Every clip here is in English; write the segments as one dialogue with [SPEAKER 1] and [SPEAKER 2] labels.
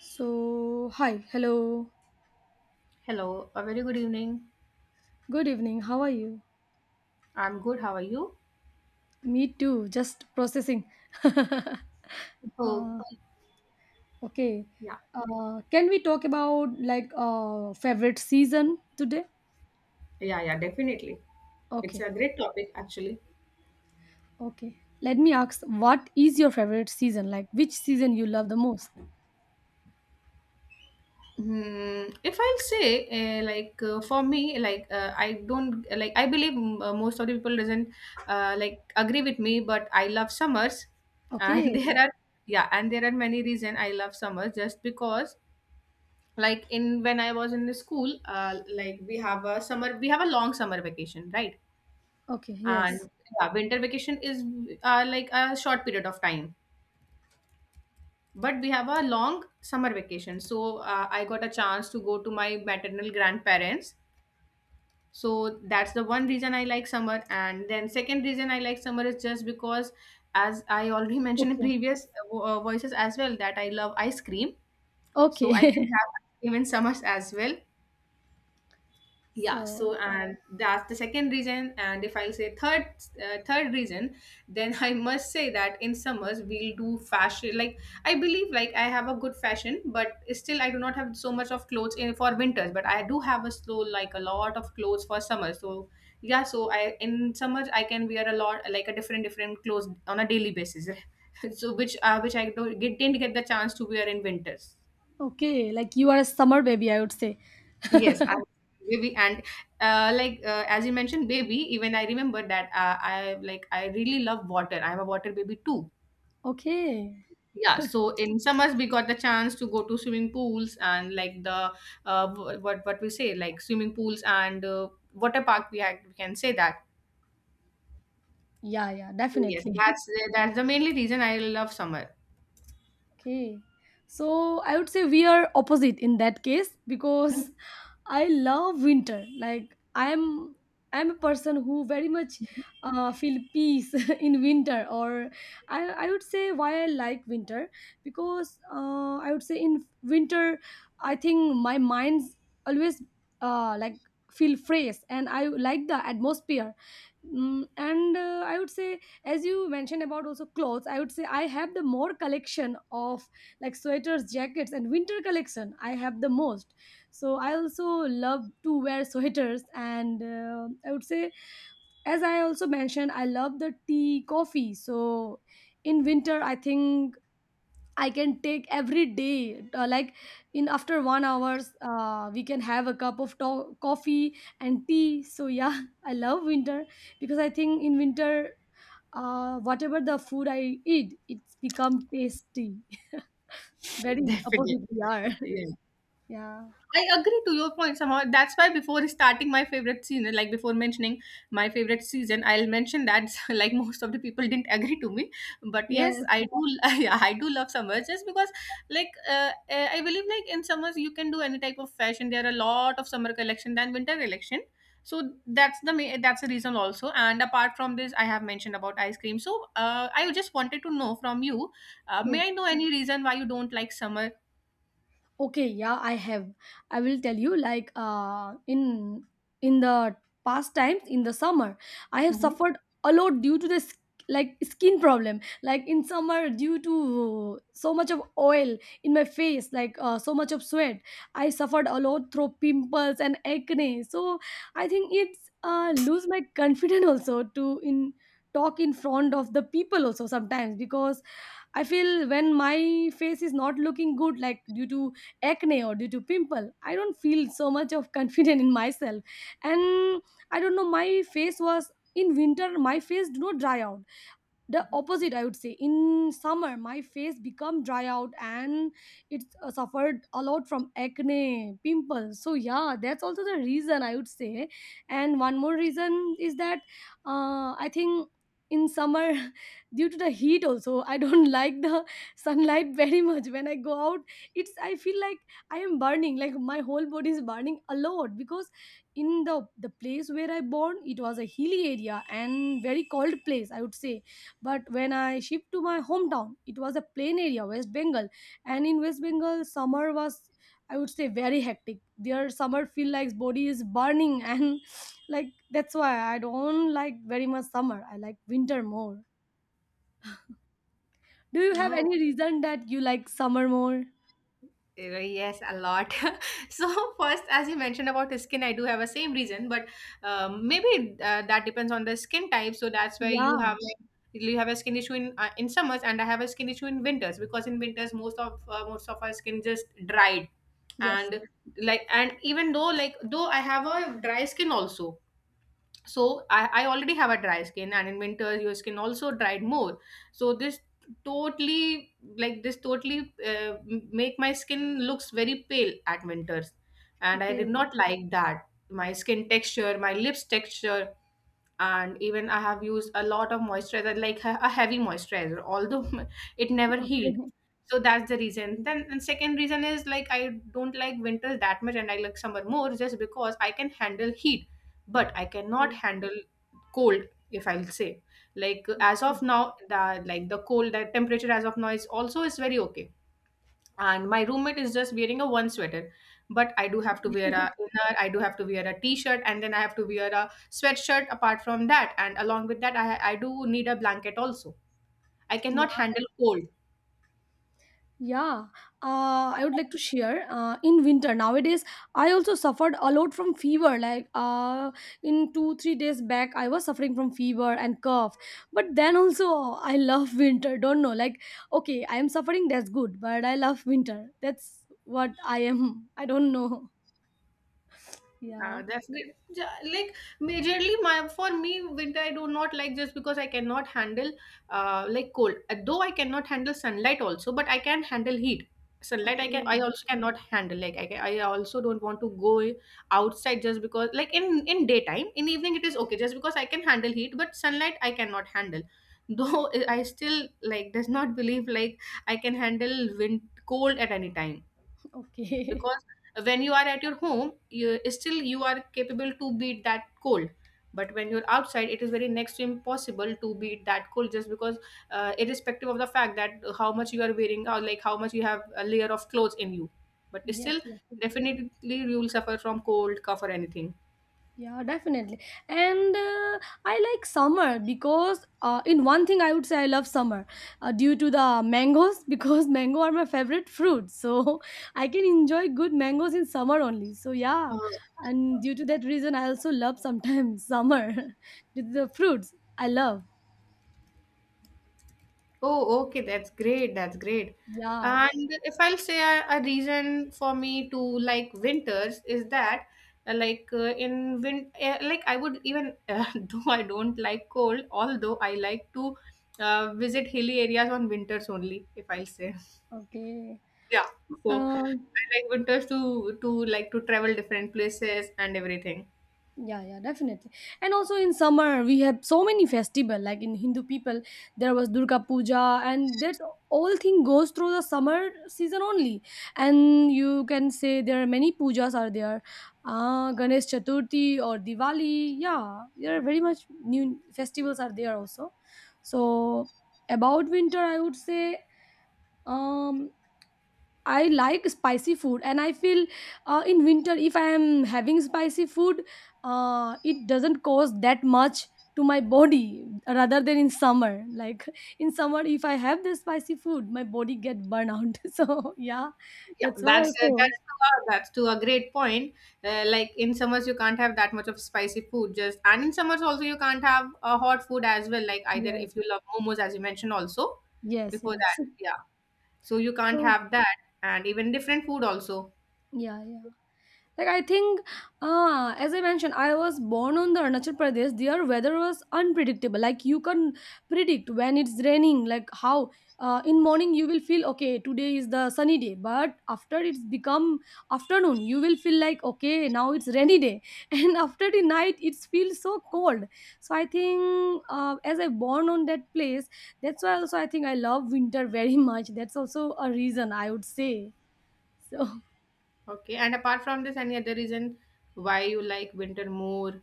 [SPEAKER 1] So, hi, hello,
[SPEAKER 2] Hello, a very good evening.
[SPEAKER 1] good evening, how are you?
[SPEAKER 2] I'm good. How are you?
[SPEAKER 1] Me too, just processing. uh,
[SPEAKER 2] So,
[SPEAKER 1] okay,
[SPEAKER 2] yeah,
[SPEAKER 1] can we talk about like favorite season today?
[SPEAKER 2] yeah, yeah, definitely. It's
[SPEAKER 1] Okay,
[SPEAKER 2] a great topic, actually.
[SPEAKER 1] okay. Let me ask, what is your favorite season? Like, which season you love the most?
[SPEAKER 2] If I'll say, like, for me, like, I don't, like, I believe most of the people doesn't, like, agree with me, but I love summers. And
[SPEAKER 1] Okay,
[SPEAKER 2] yeah, and there are many reason I love summers just because, like, when I was in the school, like, we have a long summer vacation, right?
[SPEAKER 1] okay, yes,
[SPEAKER 2] And yeah, winter vacation is like a short period of time, but we have a long summer vacation, so I got a chance to go to my maternal grandparents. So that's the one reason I like summer, and then second reason I like summer is just because as I already mentioned in
[SPEAKER 1] okay,
[SPEAKER 2] previous voices as well that I love ice cream, so I can
[SPEAKER 1] okay.
[SPEAKER 2] have even summers as well. Yeah,
[SPEAKER 1] so,
[SPEAKER 2] so and that's the second reason, and if I'll say third reason, then I must say that in summers we'll do fashion, like, I believe, like, I have a good fashion, but still I do not have so much of clothes in for winters, but I do have a slow like a lot of clothes for summer. So yeah, so I in summers I can wear a lot, like, a different different clothes on a daily basis so which I don't get, didn't get the chance to wear in winters.
[SPEAKER 1] okay, like you are a summer baby, I would say.
[SPEAKER 2] Yes, I was baby, and like, as you mentioned baby, even I remember that I really love water. I'm a water baby too.
[SPEAKER 1] Okay,
[SPEAKER 2] Yeah, so in summers we got the chance to go to swimming pools, and like the what we say, like, swimming pools and water park. We can say that.
[SPEAKER 1] yeah, yeah,
[SPEAKER 2] So yes,
[SPEAKER 1] definitely.
[SPEAKER 2] that's the mainly reason I love summer.
[SPEAKER 1] Okay. So I would say we are opposite in that case because I love winter. Like I'm a person who very much feel peace in winter. Or I would say why I like winter, because I would say in winter I think my mind's always uh, like feel fresh and I like the atmosphere. Mm, and I would say, as you mentioned about also clothes, I would say I have the more collection of like sweaters, jackets, and winter collection. I have the most. So I also love to wear sweaters, and I would say, as I also mentioned, I love the tea, coffee. So in winter, I think I can take every day. In after 1 hours, we can have a cup of coffee and tea. So yeah, I love winter because I think in winter, whatever the food I eat, it's become tasty. Very opposite
[SPEAKER 2] Definitely.
[SPEAKER 1] we are.
[SPEAKER 2] Yeah.
[SPEAKER 1] Yeah.
[SPEAKER 2] I agree to your point somehow. That's why before starting my favorite season, like before mentioning my favorite season, I'll mention that like most of the people didn't agree to me. But yes,
[SPEAKER 1] Yes.
[SPEAKER 2] I do. Yeah, I do love summers just because, like, I believe, like, in summers you can do any type of fashion. There are a lot of summer collection than winter collection. So that's the reason also. And apart from this, I have mentioned about ice cream. So, I just wanted to know from you,
[SPEAKER 1] Yes.
[SPEAKER 2] may I know any reason why you don't like summer?
[SPEAKER 1] Okay, yeah, I have, I will tell you like in the past times in the summer I have
[SPEAKER 2] Hmm.
[SPEAKER 1] suffered a lot due to this, like skin problem. Like in summer, due to so much of oil in my face, like so much of sweat, I suffered a lot through pimples and acne. So I think it's lose my confidence also to in talk in front of the people also sometimes because I feel when my face is not looking good, like due to acne or due to pimple, I don't feel so much of confident in myself. And I don't know, my face was in winter, my face do not dry out. The opposite, I would say, in summer my face become dry out and it suffered a lot from acne pimples. So yeah, that's also the reason, I would say. And one more reason is that I think in summer due to the heat also, I don't like the sunlight very much. When I go out, it's I feel like I am burning, like my whole body is burning a lot, because in the place where I born, it was a hilly area and very cold place, I would say. But when I shipped to my hometown, it was a plain area, West Bengal, and in West Bengal, summer was, I would say, very hectic. Their summer feel like body is burning, and like that's why I don't like very much summer. I like winter more. Do you have any
[SPEAKER 2] Oh.
[SPEAKER 1] reason that you like summer more?
[SPEAKER 2] Yes, a lot. So first, as you mentioned about the skin, I do have a same reason, but maybe, that depends on the skin type. So that's why
[SPEAKER 1] Yeah.
[SPEAKER 2] you have a skin issue in summers, and I have a skin issue in winters, because in winters most of our skin just dried,
[SPEAKER 1] Yes.
[SPEAKER 2] and, like, and even though, like, though I have a dry skin also, so I already have a dry skin, and in winter your skin also dried more, so this totally, like, this totally make my skin looks very pale at winters, and I did
[SPEAKER 1] Okay.
[SPEAKER 2] not like that, my skin texture, my lips texture, and even I have used a lot of moisturizer, like a heavy moisturizer, although it never healed.
[SPEAKER 1] Okay.
[SPEAKER 2] So that's the reason then, and second reason is, like, I don't like winter that much, and I like summer more just because I can handle heat, but I cannot handle cold. If I'll say, like, as of now, the, like, the temperature as of now is also is very okay, and my roommate is just wearing a one sweater, but I do have to wear a inner, I do have to wear a t-shirt, and then I have to wear a sweatshirt apart from that, and along with that, I do need a blanket also. I
[SPEAKER 1] Yeah.
[SPEAKER 2] cannot handle cold.
[SPEAKER 1] Yeah, I would like to share. In winter nowadays, I also suffered a lot from fever. Like in 2 3 days back, I was suffering from fever and cough. But then also, I love winter. Don't know, like okay, I am suffering. That's good, but I love winter. That's what I am. I don't know. Yeah.
[SPEAKER 2] That's great. Like, majorly, my for me, winter I do not like just because I cannot handle like cold. Though I cannot handle sunlight also, but I can handle heat. Sunlight I
[SPEAKER 1] Okay.
[SPEAKER 2] also cannot handle. Like, I also don't want to go outside just because, like, in daytime, in evening it is okay, just because I can handle heat, but sunlight I cannot handle. Though I still, like, does not believe, like, I can handle wind cold at any time,
[SPEAKER 1] Okay.
[SPEAKER 2] because when you are at your home, you are capable to beat that cold, but when you're outside, it is very next to impossible to beat that cold just because, irrespective of the fact that how much you are wearing, or like how much you have a layer of clothes in you, but
[SPEAKER 1] yes.
[SPEAKER 2] still
[SPEAKER 1] Yes.
[SPEAKER 2] definitely you will suffer from cold, cough, or anything.
[SPEAKER 1] Yeah, definitely. And I like summer because, in one thing, I would say I love summer due to the mangoes because mango are my favorite fruit. So I can enjoy good mangoes in summer only. So, yeah. And due to that reason, I also love sometimes summer with the fruits I love.
[SPEAKER 2] Oh, okay. That's great. That's great.
[SPEAKER 1] Yeah.
[SPEAKER 2] And if I'll say a reason for me to like winters is that, like, in win like, I would even though I don't like cold, although I like to visit hilly areas on winters only, if I'll say.
[SPEAKER 1] Okay.
[SPEAKER 2] Yeah. So
[SPEAKER 1] Um,
[SPEAKER 2] I like winters to travel different places and everything.
[SPEAKER 1] yeah, yeah, definitely. And also in summer, we have so many festival. Like in Hindu people, there was Durga Puja, and that all thing goes through the summer season only. And you can say there are many pujas are there, Ganesh Chaturthi or Diwali. Yeah, there are very much new festivals are there also. So about winter, I would say. Um, I like spicy food, and I feel in winter if I am having spicy food, it doesn't cause that much to my body rather than in summer. Like in summer, if I have the spicy food, my body get burn out. So yeah,
[SPEAKER 2] Yeah,
[SPEAKER 1] that's why
[SPEAKER 2] that's
[SPEAKER 1] also.
[SPEAKER 2] that's to a great point. Like, in summers, you can't have that much of spicy food. Just and in summers also you can't have a hot food as well. Like, either
[SPEAKER 1] Yeah,
[SPEAKER 2] if you love momos, as you mentioned also
[SPEAKER 1] yes,
[SPEAKER 2] before that,
[SPEAKER 1] yes.
[SPEAKER 2] yeah. So you can't
[SPEAKER 1] So
[SPEAKER 2] have that, and even different food also.
[SPEAKER 1] yeah, yeah. Like I think, as I mentioned, I was born on the Arunachal Pradesh. Their weather was unpredictable. Like you can predict when it's raining. Like how in morning you will feel okay. Today is the sunny day, but after it's become afternoon, you will feel like okay, now it's rainy day, and after the night it feels so cold. So I think as I born on that place, that's why also I think I love winter very much. That's also a reason, I would say. So.
[SPEAKER 2] Okay, and apart from this, any other reason why you like winter more?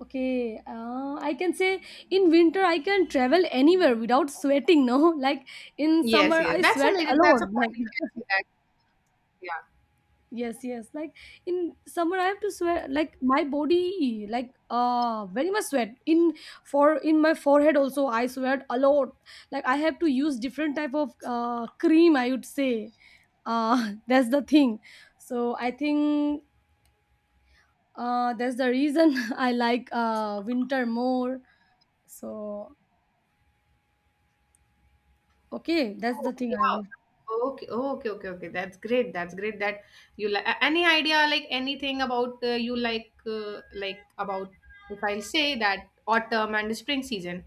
[SPEAKER 1] Okay, I can say in winter I can travel anywhere without sweating. No, like in
[SPEAKER 2] Yes,
[SPEAKER 1] summer
[SPEAKER 2] yes,
[SPEAKER 1] I
[SPEAKER 2] that's a
[SPEAKER 1] sweat
[SPEAKER 2] major. That's a
[SPEAKER 1] alone. Like
[SPEAKER 2] point. You can see that. Yeah.
[SPEAKER 1] yes, yes. Like in summer I have to sweat. Like my body, like very much sweat in for in my forehead also I sweat a lot. Like I have to use different type of cream. I would say that's the thing. So I think that's the reason I like winter more. So, okay, that's the
[SPEAKER 2] Oh,
[SPEAKER 1] thing I
[SPEAKER 2] yeah.
[SPEAKER 1] will.
[SPEAKER 2] Okay, oh, okay, okay, okay. That's great. That's great that you like any idea, like, anything about, you like, like about, if I'll say, that autumn and spring season.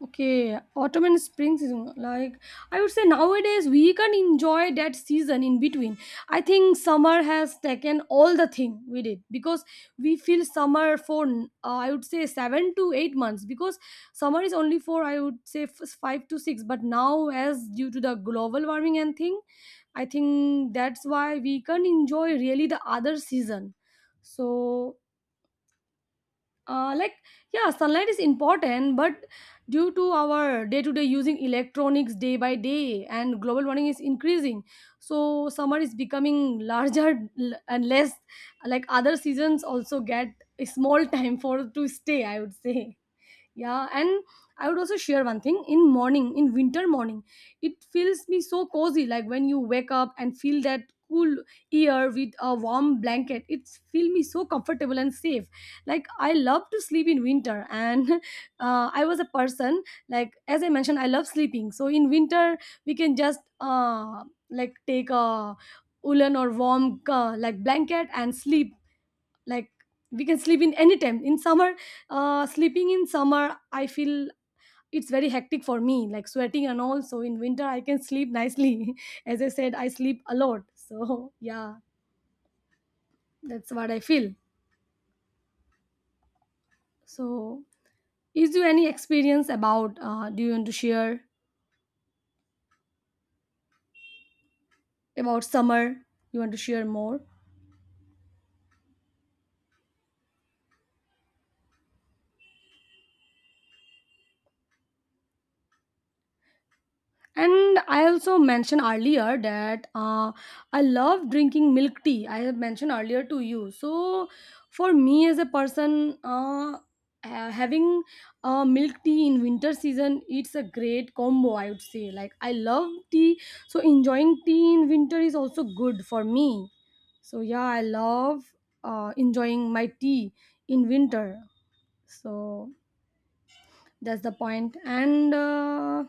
[SPEAKER 1] Okay, autumn and spring season. Like I would say nowadays we can enjoy that season in between. I think summer has taken all the thing we did, because we feel summer for I would say 7 to 8 months, because summer is only for, I would say, 5 to 6. But now as due to the global warming and thing, I think that's why we can enjoy really the other season. So uh, like yeah, sunlight is important, but due to our day to day using electronics day by day and global warming is increasing, so summer is becoming larger and less, like other seasons also get a small time for to stay, I would say. Yeah, and I would also share one thing. In morning, in winter morning, it feels me so cozy. Like when you wake up and feel that cool air with a warm blanket, it feel me so comfortable and safe. Like I love to sleep in winter, and I was a person, like as I mentioned, I love sleeping. So in winter we can just take a woolen or warm blanket and sleep. Like we can sleep in any time. In summer, sleeping in summer I feel it's very hectic for me, like sweating and all. So in winter I can sleep nicely, as I said I sleep a lot, so yeah, that's what I feel. So is there any experience about, do you want to share about summer, you want to share more? And I also mentioned earlier that I love drinking milk tea. I have mentioned earlier to you. So for me as a person, having milk tea in winter season, it's a great combo, I would say. Like I love tea, so enjoying tea in winter is also good for me. So yeah, I love enjoying my tea in winter. So that's the point. And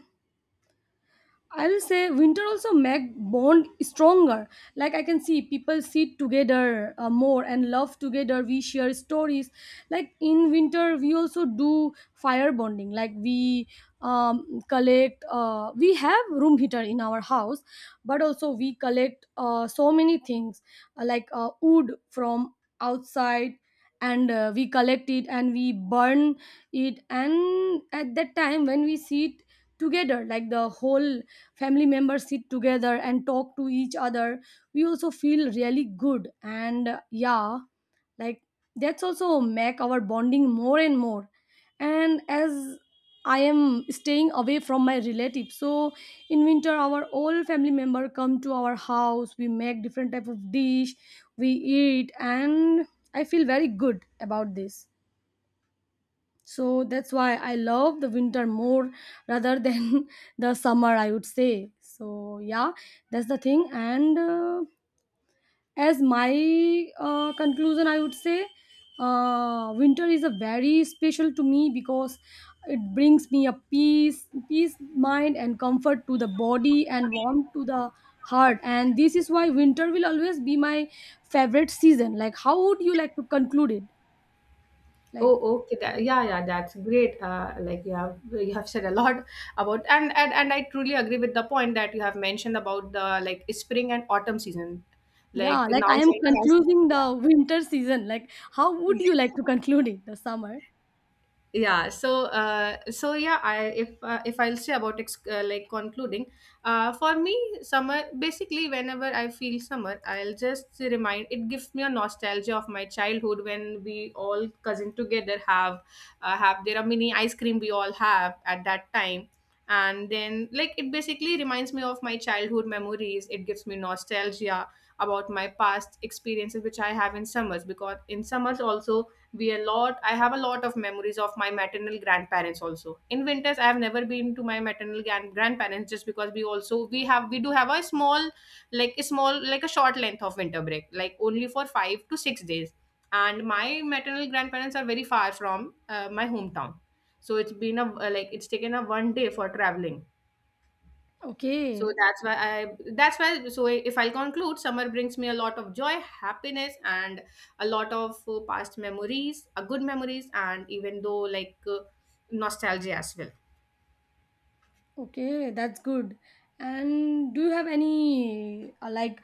[SPEAKER 1] I will say winter also make bond stronger. Like I can see people sit together more and love together. We share stories. Like in winter, we also do fire bonding. Like we collect. We have room heater in our house, but also we collect so many things wood from outside, and we collect it and we burn it. And at that time when we sit together, like the whole family members sit together and talk to each other, we also feel really good. And yeah, like that's also make our bonding more and more. And as I am staying away from my relatives, so in winter our all family member come to our house, we make different type of dish, we eat, and I feel very good about this. So that's why I love the winter more rather than the summer, I would say. So, yeah, that's the thing. And as my conclusion, I would say winter is a very special to me because it brings me a peace, peace mind, and comfort to the body and warmth to the heart. And this is why winter will always be my favorite season. Like, how would you like to conclude it? Like,
[SPEAKER 2] Oh, okay. Yeah, yeah, that's great. Like, you have said a lot about, and I truly agree with the point that you have mentioned about the, like, spring and autumn season.
[SPEAKER 1] yeah,
[SPEAKER 2] Like,
[SPEAKER 1] like
[SPEAKER 2] now
[SPEAKER 1] I am
[SPEAKER 2] summer has,
[SPEAKER 1] concluding
[SPEAKER 2] yeah,
[SPEAKER 1] the winter season. Like, how would you like to conclude it? The summer?
[SPEAKER 2] yeah, so so yeah, I if I'll say about like, concluding, for me, summer, basically whenever I feel summer, I'll just remind, it gives me a nostalgia of my childhood when we all cousin together have, have their mini ice cream we all have at that time. And then, like, it basically reminds me of my childhood memories, it gives me nostalgia about my past experiences which I have in summers, because in summers also, we a lot I have a lot of memories of my maternal grandparents also. In winters I have never been to my maternal grandparents just because, we do have a small like a small like a short length of winter break, like only for 5 to 6 days, and my maternal grandparents are very far from my hometown, so it's taken a one day for traveling, so
[SPEAKER 1] Okay,
[SPEAKER 2] that's why, so if I'll conclude, summer brings me a lot of joy, happiness, and a lot of, past memories, good memories, and even though, like, nostalgia as well.
[SPEAKER 1] okay, that's good. And do you have any like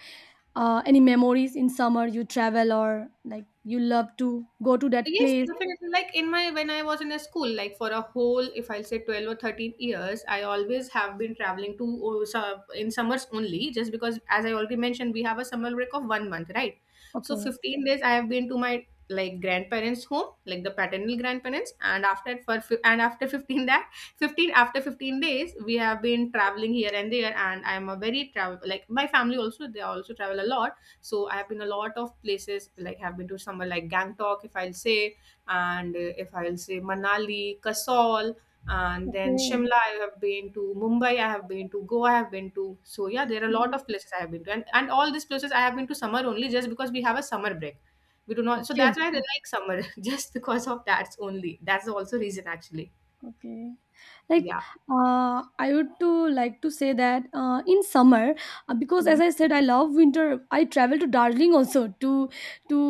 [SPEAKER 1] any memories in summer you travel or like you love to go to that
[SPEAKER 2] Yes,
[SPEAKER 1] place?
[SPEAKER 2] definitely. Like, in my when I was in a school, like, for a whole, if I'll say 12 or 13 years, I always have been traveling to in summers only, just because as I already mentioned, we have a summer break of one month, right? So
[SPEAKER 1] Okay,
[SPEAKER 2] 15 days I have been to my, like, grandparents' home, like the paternal grandparents, and after for and after 15 that 15 after 15 days we have been traveling here and there, and I'm a very travel, like, my family also, they also travel a lot. So I have been a lot of places, like, I've been to somewhere, like, Gangtok, if I'll say, and if I'll say Manali, Kasol, and then
[SPEAKER 1] okay,
[SPEAKER 2] Shimla. I have been to Mumbai, I have been to Goa, I have been to, so yeah, there are a lot
[SPEAKER 1] okay,
[SPEAKER 2] of places I have been to, and all these places I have been to summer only, just because we have a summer break, we do not, so
[SPEAKER 1] okay,
[SPEAKER 2] that's why
[SPEAKER 1] okay,
[SPEAKER 2] I like summer just because of, that's only, that's also reason actually.
[SPEAKER 1] okay. like
[SPEAKER 2] Yeah.
[SPEAKER 1] I would to like to say that in summer because
[SPEAKER 2] Mhm.
[SPEAKER 1] as I said I love winter, I travel to Darjeeling also to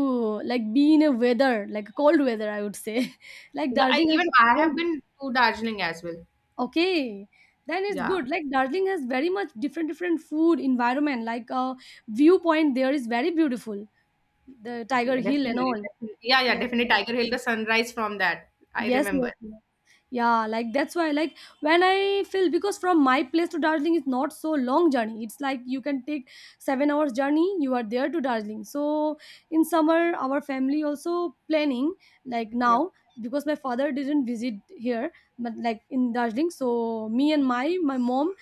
[SPEAKER 1] like be in a weather, like cold weather I would say. Like
[SPEAKER 2] Yeah,
[SPEAKER 1] Darjeeling has
[SPEAKER 2] even
[SPEAKER 1] a
[SPEAKER 2] I
[SPEAKER 1] cold.
[SPEAKER 2] have been to Darjeeling as well.
[SPEAKER 1] Okay, then it's
[SPEAKER 2] Yeah.
[SPEAKER 1] good. Like Darjeeling has very much different different food environment, like viewpoint there is very beautiful, the Tiger
[SPEAKER 2] Yeah,
[SPEAKER 1] Hill and
[SPEAKER 2] definitely,
[SPEAKER 1] all.
[SPEAKER 2] definitely. Yeah, yeah,
[SPEAKER 1] Yes,
[SPEAKER 2] definitely. Tiger Hill, the sunrise from that. I
[SPEAKER 1] yes, yes,
[SPEAKER 2] remember.
[SPEAKER 1] yes, yeah. Like that's why, like when I feel, because from my place to Darjeeling is not so long journey, it's like you can take 7 hours journey, you are there to Darjeeling. So in summer our family also planning, like
[SPEAKER 2] Yeah.
[SPEAKER 1] now, because my father didn't visit here but like in Darjeeling. So me and my mom,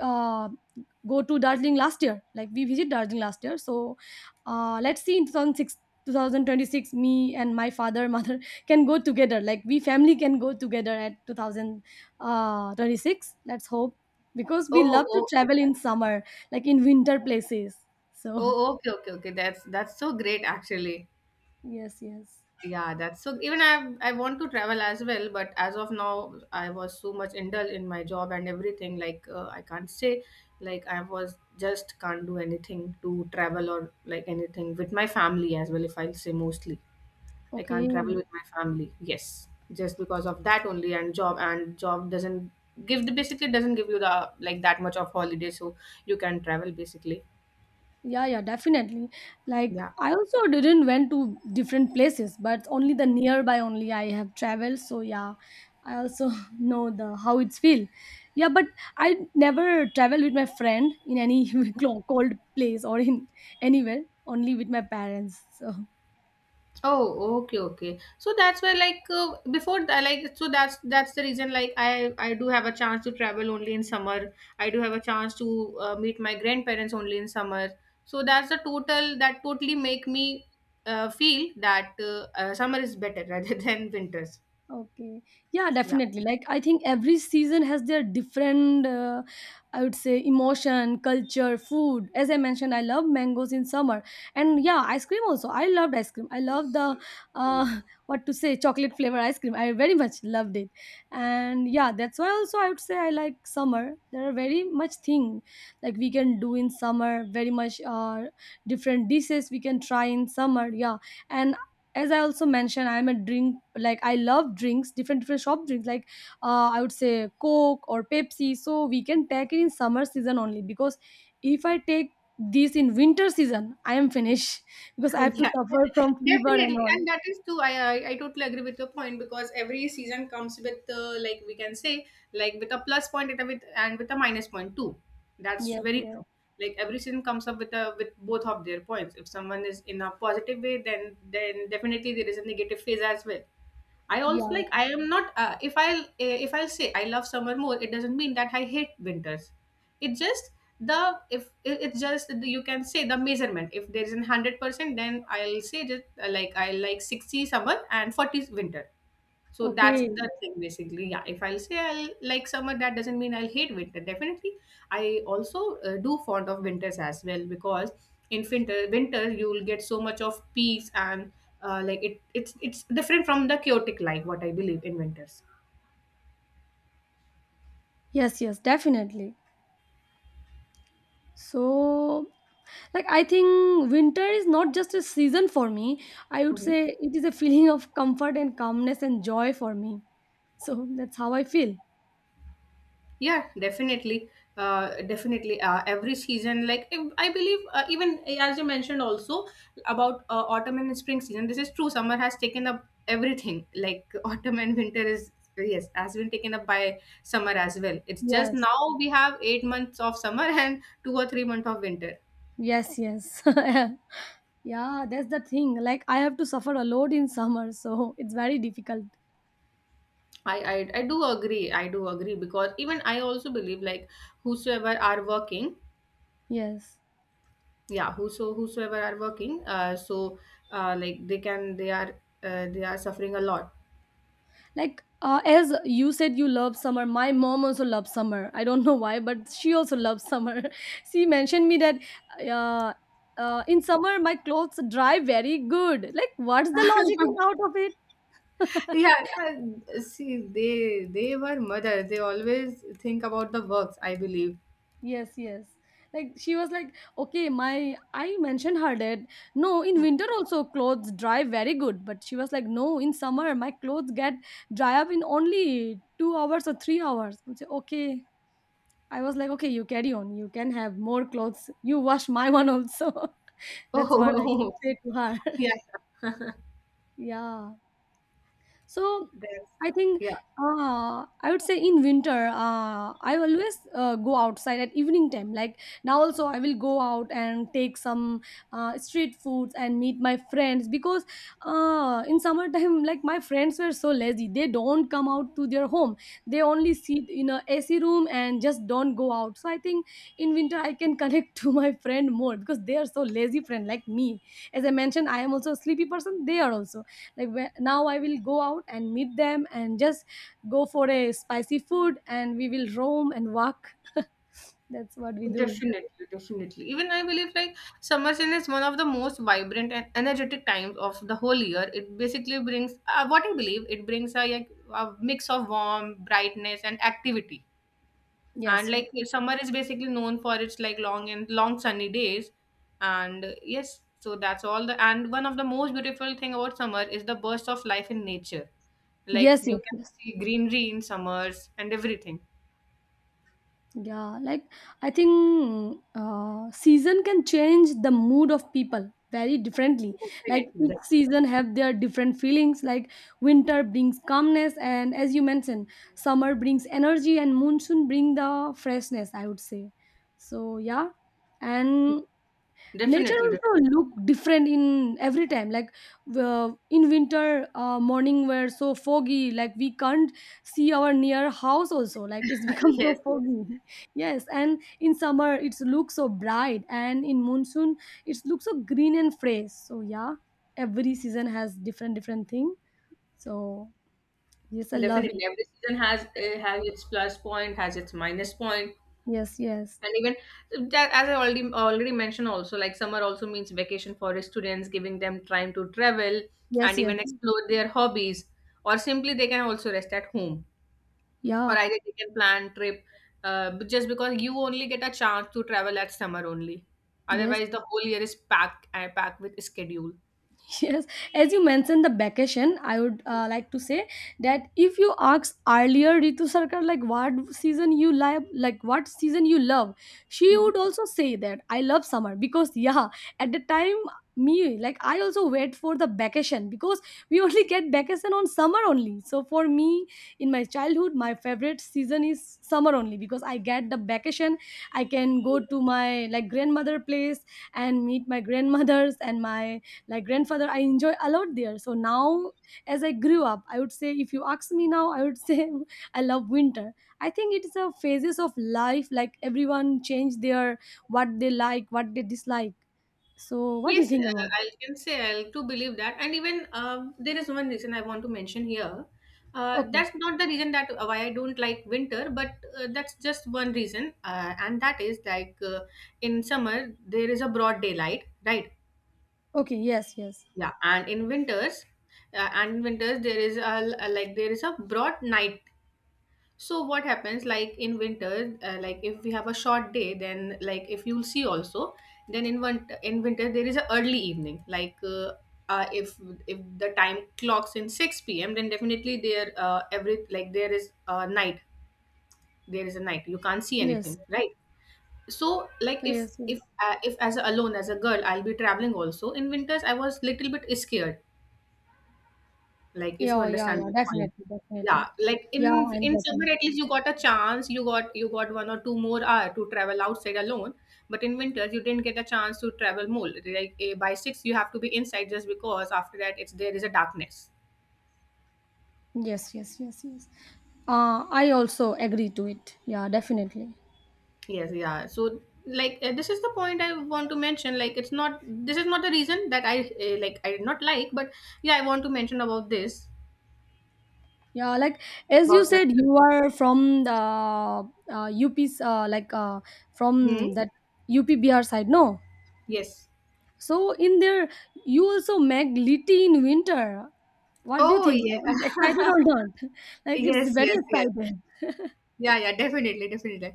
[SPEAKER 1] uh, go to Darjeeling last year. Like we visit Darjeeling last year. So let's see, in 2006, 2026, me and my father, mother, can go together, like we family can go together at 2026, let's hope. Because we
[SPEAKER 2] Oh,
[SPEAKER 1] love to
[SPEAKER 2] oh,
[SPEAKER 1] travel in summer, like in winter places. So
[SPEAKER 2] oh, okay, okay, okay. that's so great, actually.
[SPEAKER 1] yes, yes.
[SPEAKER 2] Yeah, that's so. Even I want to travel as well, but as of now, I was so much indulged in my job and everything. Like I can't say, like I was just can't do anything to travel or like anything with my family as well. If I'll say mostly. I
[SPEAKER 1] Okay.
[SPEAKER 2] can't travel with my family. Yes, just because of that only, and job doesn't give the basically doesn't give you the like that much of holiday, so you can travel basically.
[SPEAKER 1] Yeah, yeah, definitely. Like
[SPEAKER 2] Yeah.
[SPEAKER 1] I also didn't went to different places, but only the nearby only I have traveled. So yeah, I also know the how it's feel. Yeah, but I never travel with my friend in any clo- cold place or in anywhere. Only with my parents. So
[SPEAKER 2] Oh, okay, okay. So that's why, like, before that, like, so that's the reason. Like, I do have a chance to travel only in summer. I do have a chance to meet my grandparents only in summer. So that totally make me feel that summer is better rather than winters.
[SPEAKER 1] okay. Yeah,
[SPEAKER 2] Yeah.
[SPEAKER 1] definitely. Like I think every season has their different I would say emotion, culture, food. As I mentioned, I love mangoes in summer. And yeah, ice cream also. I loved ice cream. I love the uh what to say, chocolate flavor ice cream. I very much loved it. And yeah, that's why also I would say I like summer. There are very much thing like we can do in summer, very much different dishes we can try in summer. Yeah. And as I also mentioned, I'm a drink, like I love drinks, different different shop drinks, like I would say Coke or Pepsi. So we can take it in summer season only because if I take this in winter season, I am finished because I have to
[SPEAKER 2] Yeah,
[SPEAKER 1] suffer from fever and
[SPEAKER 2] definitely,
[SPEAKER 1] all.
[SPEAKER 2] and that is too, I totally agree with your point, because every season comes with like we can say, like, with a plus point and with a minus point too. That's
[SPEAKER 1] Yes,
[SPEAKER 2] very
[SPEAKER 1] yes,
[SPEAKER 2] true. Like every season comes up with both of their points. If someone is in a positive way, then definitely there is a negative phase as well. I also like
[SPEAKER 1] yeah,
[SPEAKER 2] I am not if I'll say I love summer more, it doesn't mean that I hate winters. It's just the if it- it's just the- You can say the measurement. If there is an 100%, then I'll say just like I like 60 summer and 40 winter. So that's
[SPEAKER 1] okay,
[SPEAKER 2] the thing basically. Yeah, if I'll say I'll like summer, that doesn't mean I'll hate winter. Definitely, I also do fond of winters as well, because in winter you will get so much of peace and like it's different from the chaotic life. What I believe in winters.
[SPEAKER 1] yes, yes, definitely. So like I think winter is not just a season for me, I would
[SPEAKER 2] Mm-hmm.
[SPEAKER 1] say it is a feeling of comfort and calmness and joy for me. So that's how I feel.
[SPEAKER 2] Yeah, definitely. Definitely. Every season, like I believe, even as you mentioned also about autumn and spring season, this is true. Summer has taken up everything. Like autumn and winter is, yes, has been taken up by summer as well. It's just
[SPEAKER 1] Yes.
[SPEAKER 2] now we have 8 months of summer and 2 or 3 months of winter.
[SPEAKER 1] Yes, yes. Yeah, that's the thing. Like I have to suffer a lot in summer, so it's very difficult.
[SPEAKER 2] I do agree. I do agree because even I also believe like whosoever are working.
[SPEAKER 1] Yes.
[SPEAKER 2] Yeah, whosoever are working, so like they are suffering a lot.
[SPEAKER 1] Like as you said you love summer, my mom also loves summer. I don't know why, but she also loves summer. She mentioned me that uh, in summer my clothes dry very good. Like what's the logic out of it?
[SPEAKER 2] Yeah, see, they were mothers, they always think about the works, I believe.
[SPEAKER 1] Yes, yes. Like she was like, okay, my I mentioned her that no, in
[SPEAKER 2] Mm.
[SPEAKER 1] winter also clothes dry very good, but she was like, no, in summer my clothes get dry up in only 2 hours or 3 hours. I say, okay. I was like, okay, you carry on. You can have more clothes. You wash my one also. That's what I can
[SPEAKER 2] Oh.
[SPEAKER 1] say to her.
[SPEAKER 2] Yeah,
[SPEAKER 1] Yeah. So
[SPEAKER 2] that's
[SPEAKER 1] I think
[SPEAKER 2] yeah,
[SPEAKER 1] I would say in winter, I always go outside at evening time. Like now, also I will go out and take some street foods and meet my friends because in summertime, like my friends were so lazy. They don't come out to their home. They only sit in a AC room and just don't go out. So I think in winter I can connect to my friend more because they are so lazy friend like me. As I mentioned, I am also a sleepy person. They are also like when, now I will go out and meet them and just go for a spicy food and we will roam and walk. That's what we do.
[SPEAKER 2] definitely, definitely. Even I believe like summer season is one of the most vibrant and energetic times of the whole year. It basically brings what I believe it brings a, like, a mix of warmth, brightness and activity.
[SPEAKER 1] Yes,
[SPEAKER 2] And
[SPEAKER 1] yes,
[SPEAKER 2] like if summer is basically known for its like long and long sunny days. And yes, so that's all the and one of the most beautiful thing about summer is the burst of life in nature. Like
[SPEAKER 1] yes,
[SPEAKER 2] you
[SPEAKER 1] yes,
[SPEAKER 2] can
[SPEAKER 1] yes,
[SPEAKER 2] see greenery in summers and everything.
[SPEAKER 1] yeah. Like I think season can change the mood of people very differently.
[SPEAKER 2] Definitely,
[SPEAKER 1] Like each
[SPEAKER 2] definitely.
[SPEAKER 1] season have their different feelings. Like winter brings calmness, and as you mentioned, summer brings energy, and monsoon bring the freshness, I would say. So yeah. And nature
[SPEAKER 2] Definitely.
[SPEAKER 1] also look different in every time. Like in winter morning were so foggy, like we can't see our near house also, like it's become so
[SPEAKER 2] Yes, yes.
[SPEAKER 1] foggy. Yes, and in summer it's looks so bright, and in monsoon it's looks so green and fresh. So yeah, every season has different different thing. So yes, I love it.
[SPEAKER 2] Definitely. Every season has its plus point, has its minus point.
[SPEAKER 1] Yes, yes,
[SPEAKER 2] And even, that as I already mentioned also, like summer also means vacation for students, giving them time to travel
[SPEAKER 1] yes,
[SPEAKER 2] and
[SPEAKER 1] yes,
[SPEAKER 2] even explore their hobbies, or simply they can also rest at home,
[SPEAKER 1] yeah,
[SPEAKER 2] or either they can plan trip, but just because you only get a chance to travel at summer only,
[SPEAKER 1] yes.
[SPEAKER 2] otherwise the whole year is packed and packed with schedule.
[SPEAKER 1] Yes, as you mentioned the vacation, I would like to say that if you ask earlier Ritu Sarkar like what season you love, like what season you love, she
[SPEAKER 2] Mhm.
[SPEAKER 1] would also say that I love summer because yeah, at the time me, like I also wait for the vacation because we only get vacation on summer only. So for me, in my childhood, my favorite season is summer only because I get the vacation. I can go to my like grandmother place and meet my grandmothers and my like grandfather. I enjoy a lot there. So now, as I grew up, I would say if you ask me now, I would say I love winter. I think it is a phases of life. Like everyone change their what they like, what they dislike. So what do you
[SPEAKER 2] Yes,
[SPEAKER 1] think about it?
[SPEAKER 2] I can say I'll believe that, and even there is one reason I want to mention here. Uh,
[SPEAKER 1] Okay,
[SPEAKER 2] that's not the reason that why I don't like winter, but that's just one reason, and that is like in summer there is a broad daylight, right?
[SPEAKER 1] okay, yes, yes,
[SPEAKER 2] Yeah, and in winters there is a broad night. So what happens like in winter, like if we have a short day, then like if you'll see also, then in winter there is a early evening. Like uh, if if the time clocks in 6 p.m., then definitely there every like there is a night. There is a night. You can't see
[SPEAKER 1] yes,
[SPEAKER 2] anything, right? So like
[SPEAKER 1] yes, yes,
[SPEAKER 2] if as a, alone as a girl, I'll be traveling also in winters. I was little bit scared. Like if you
[SPEAKER 1] yeah, yeah,
[SPEAKER 2] understand
[SPEAKER 1] yeah,
[SPEAKER 2] my.
[SPEAKER 1] definitely,
[SPEAKER 2] Yeah,
[SPEAKER 1] definitely,
[SPEAKER 2] like
[SPEAKER 1] yeah,
[SPEAKER 2] in
[SPEAKER 1] I'm
[SPEAKER 2] in
[SPEAKER 1] getting,
[SPEAKER 2] summer at least you got a chance, you got 1 or 2 more hour to travel outside alone. But in winter you didn't get a chance to travel more, like by six you have to be inside just because after that it's there is a darkness.
[SPEAKER 1] yes, yes, yes, yes. I also agree to it. Yeah, definitely.
[SPEAKER 2] Yes, yeah. So like this is the point I want to mention, like it's not this is not the reason that I like I did not like, but yeah, I want to mention about this.
[SPEAKER 1] Yeah, like as you
[SPEAKER 2] About
[SPEAKER 1] said,
[SPEAKER 2] winter.
[SPEAKER 1] you are from the UP's, like
[SPEAKER 2] Hmm?
[SPEAKER 1] from that UPBR side, no?
[SPEAKER 2] Yes.
[SPEAKER 1] So in there, you also make litti in winter. What do you
[SPEAKER 2] Oh,
[SPEAKER 1] think?
[SPEAKER 2] yeah.
[SPEAKER 1] Like, is excited or not? Like, it's
[SPEAKER 2] Yes,
[SPEAKER 1] very
[SPEAKER 2] yes, yes.
[SPEAKER 1] excited.
[SPEAKER 2] Yeah, yeah, definitely, definitely.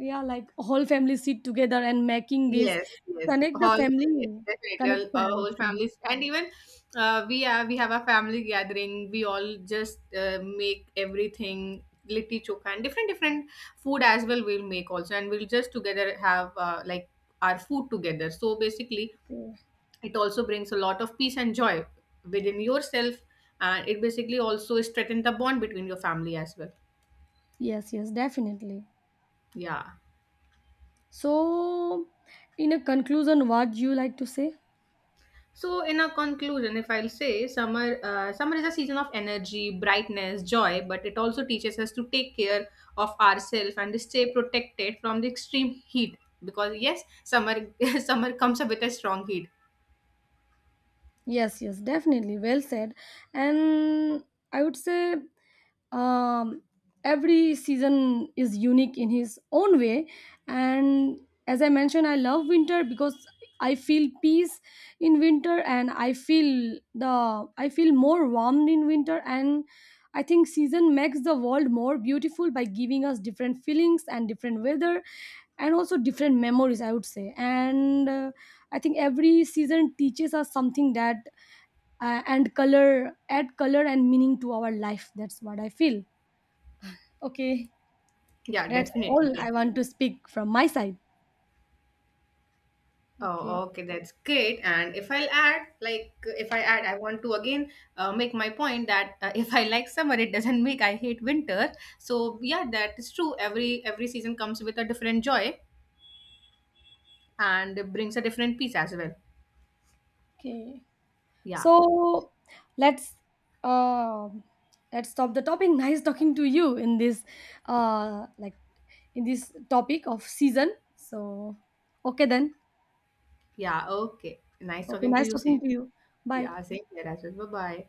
[SPEAKER 1] Yeah, like whole family sit together and making this,
[SPEAKER 2] Yes, yes,
[SPEAKER 1] connect the
[SPEAKER 2] whole
[SPEAKER 1] family
[SPEAKER 2] yes, definitely,
[SPEAKER 1] connection,
[SPEAKER 2] our
[SPEAKER 1] I
[SPEAKER 2] whole
[SPEAKER 1] think.
[SPEAKER 2] families, and even we have a family gathering. We all just make everything litti chokha and different different food as well. We'll make also, and we'll just together have like our food together. So basically,
[SPEAKER 1] Okay.
[SPEAKER 2] it also brings a lot of peace and joy within yourself, and it basically also strengthens the bond between your family as well.
[SPEAKER 1] Yes, yes, definitely.
[SPEAKER 2] Yeah.
[SPEAKER 1] So, in a conclusion, what do you like to say?
[SPEAKER 2] So, in a conclusion, if I'll say summer is a season of energy, brightness, joy, but it also teaches us to take care of ourselves and stay protected from the extreme heat. Because yes, summer summer comes up with a strong heat.
[SPEAKER 1] Yes, yes, definitely. Well said. And I would say um, every season is unique in his own way. And as I mentioned, I love winter because I feel peace in winter, and I feel the I feel more warmed in winter. And I think season makes the world more beautiful by giving us different feelings and different weather, and also different memories I would say. And I think every season teaches us something that and color add color and meaning to our life. That's what I feel. Okay,
[SPEAKER 2] Yeah,
[SPEAKER 1] that's all
[SPEAKER 2] definitely.
[SPEAKER 1] I want to speak from my side. Okay,
[SPEAKER 2] Oh, okay, that's great. And if I add, I want to again make my point that if I like summer, it doesn't make I hate winter. So yeah, that is true. Every season comes with a different joy and it brings a different peace as well.
[SPEAKER 1] okay.
[SPEAKER 2] Yeah.
[SPEAKER 1] So let's uh, let's stop the topic. Nice talking to you in this like in this topic of season. So okay then.
[SPEAKER 2] Yeah. Okay. Nice
[SPEAKER 1] Okay,
[SPEAKER 2] talking to
[SPEAKER 1] nice
[SPEAKER 2] you.
[SPEAKER 1] talking
[SPEAKER 2] Same.
[SPEAKER 1] to you. Bye.
[SPEAKER 2] Yeah. Same here as well. Bye bye.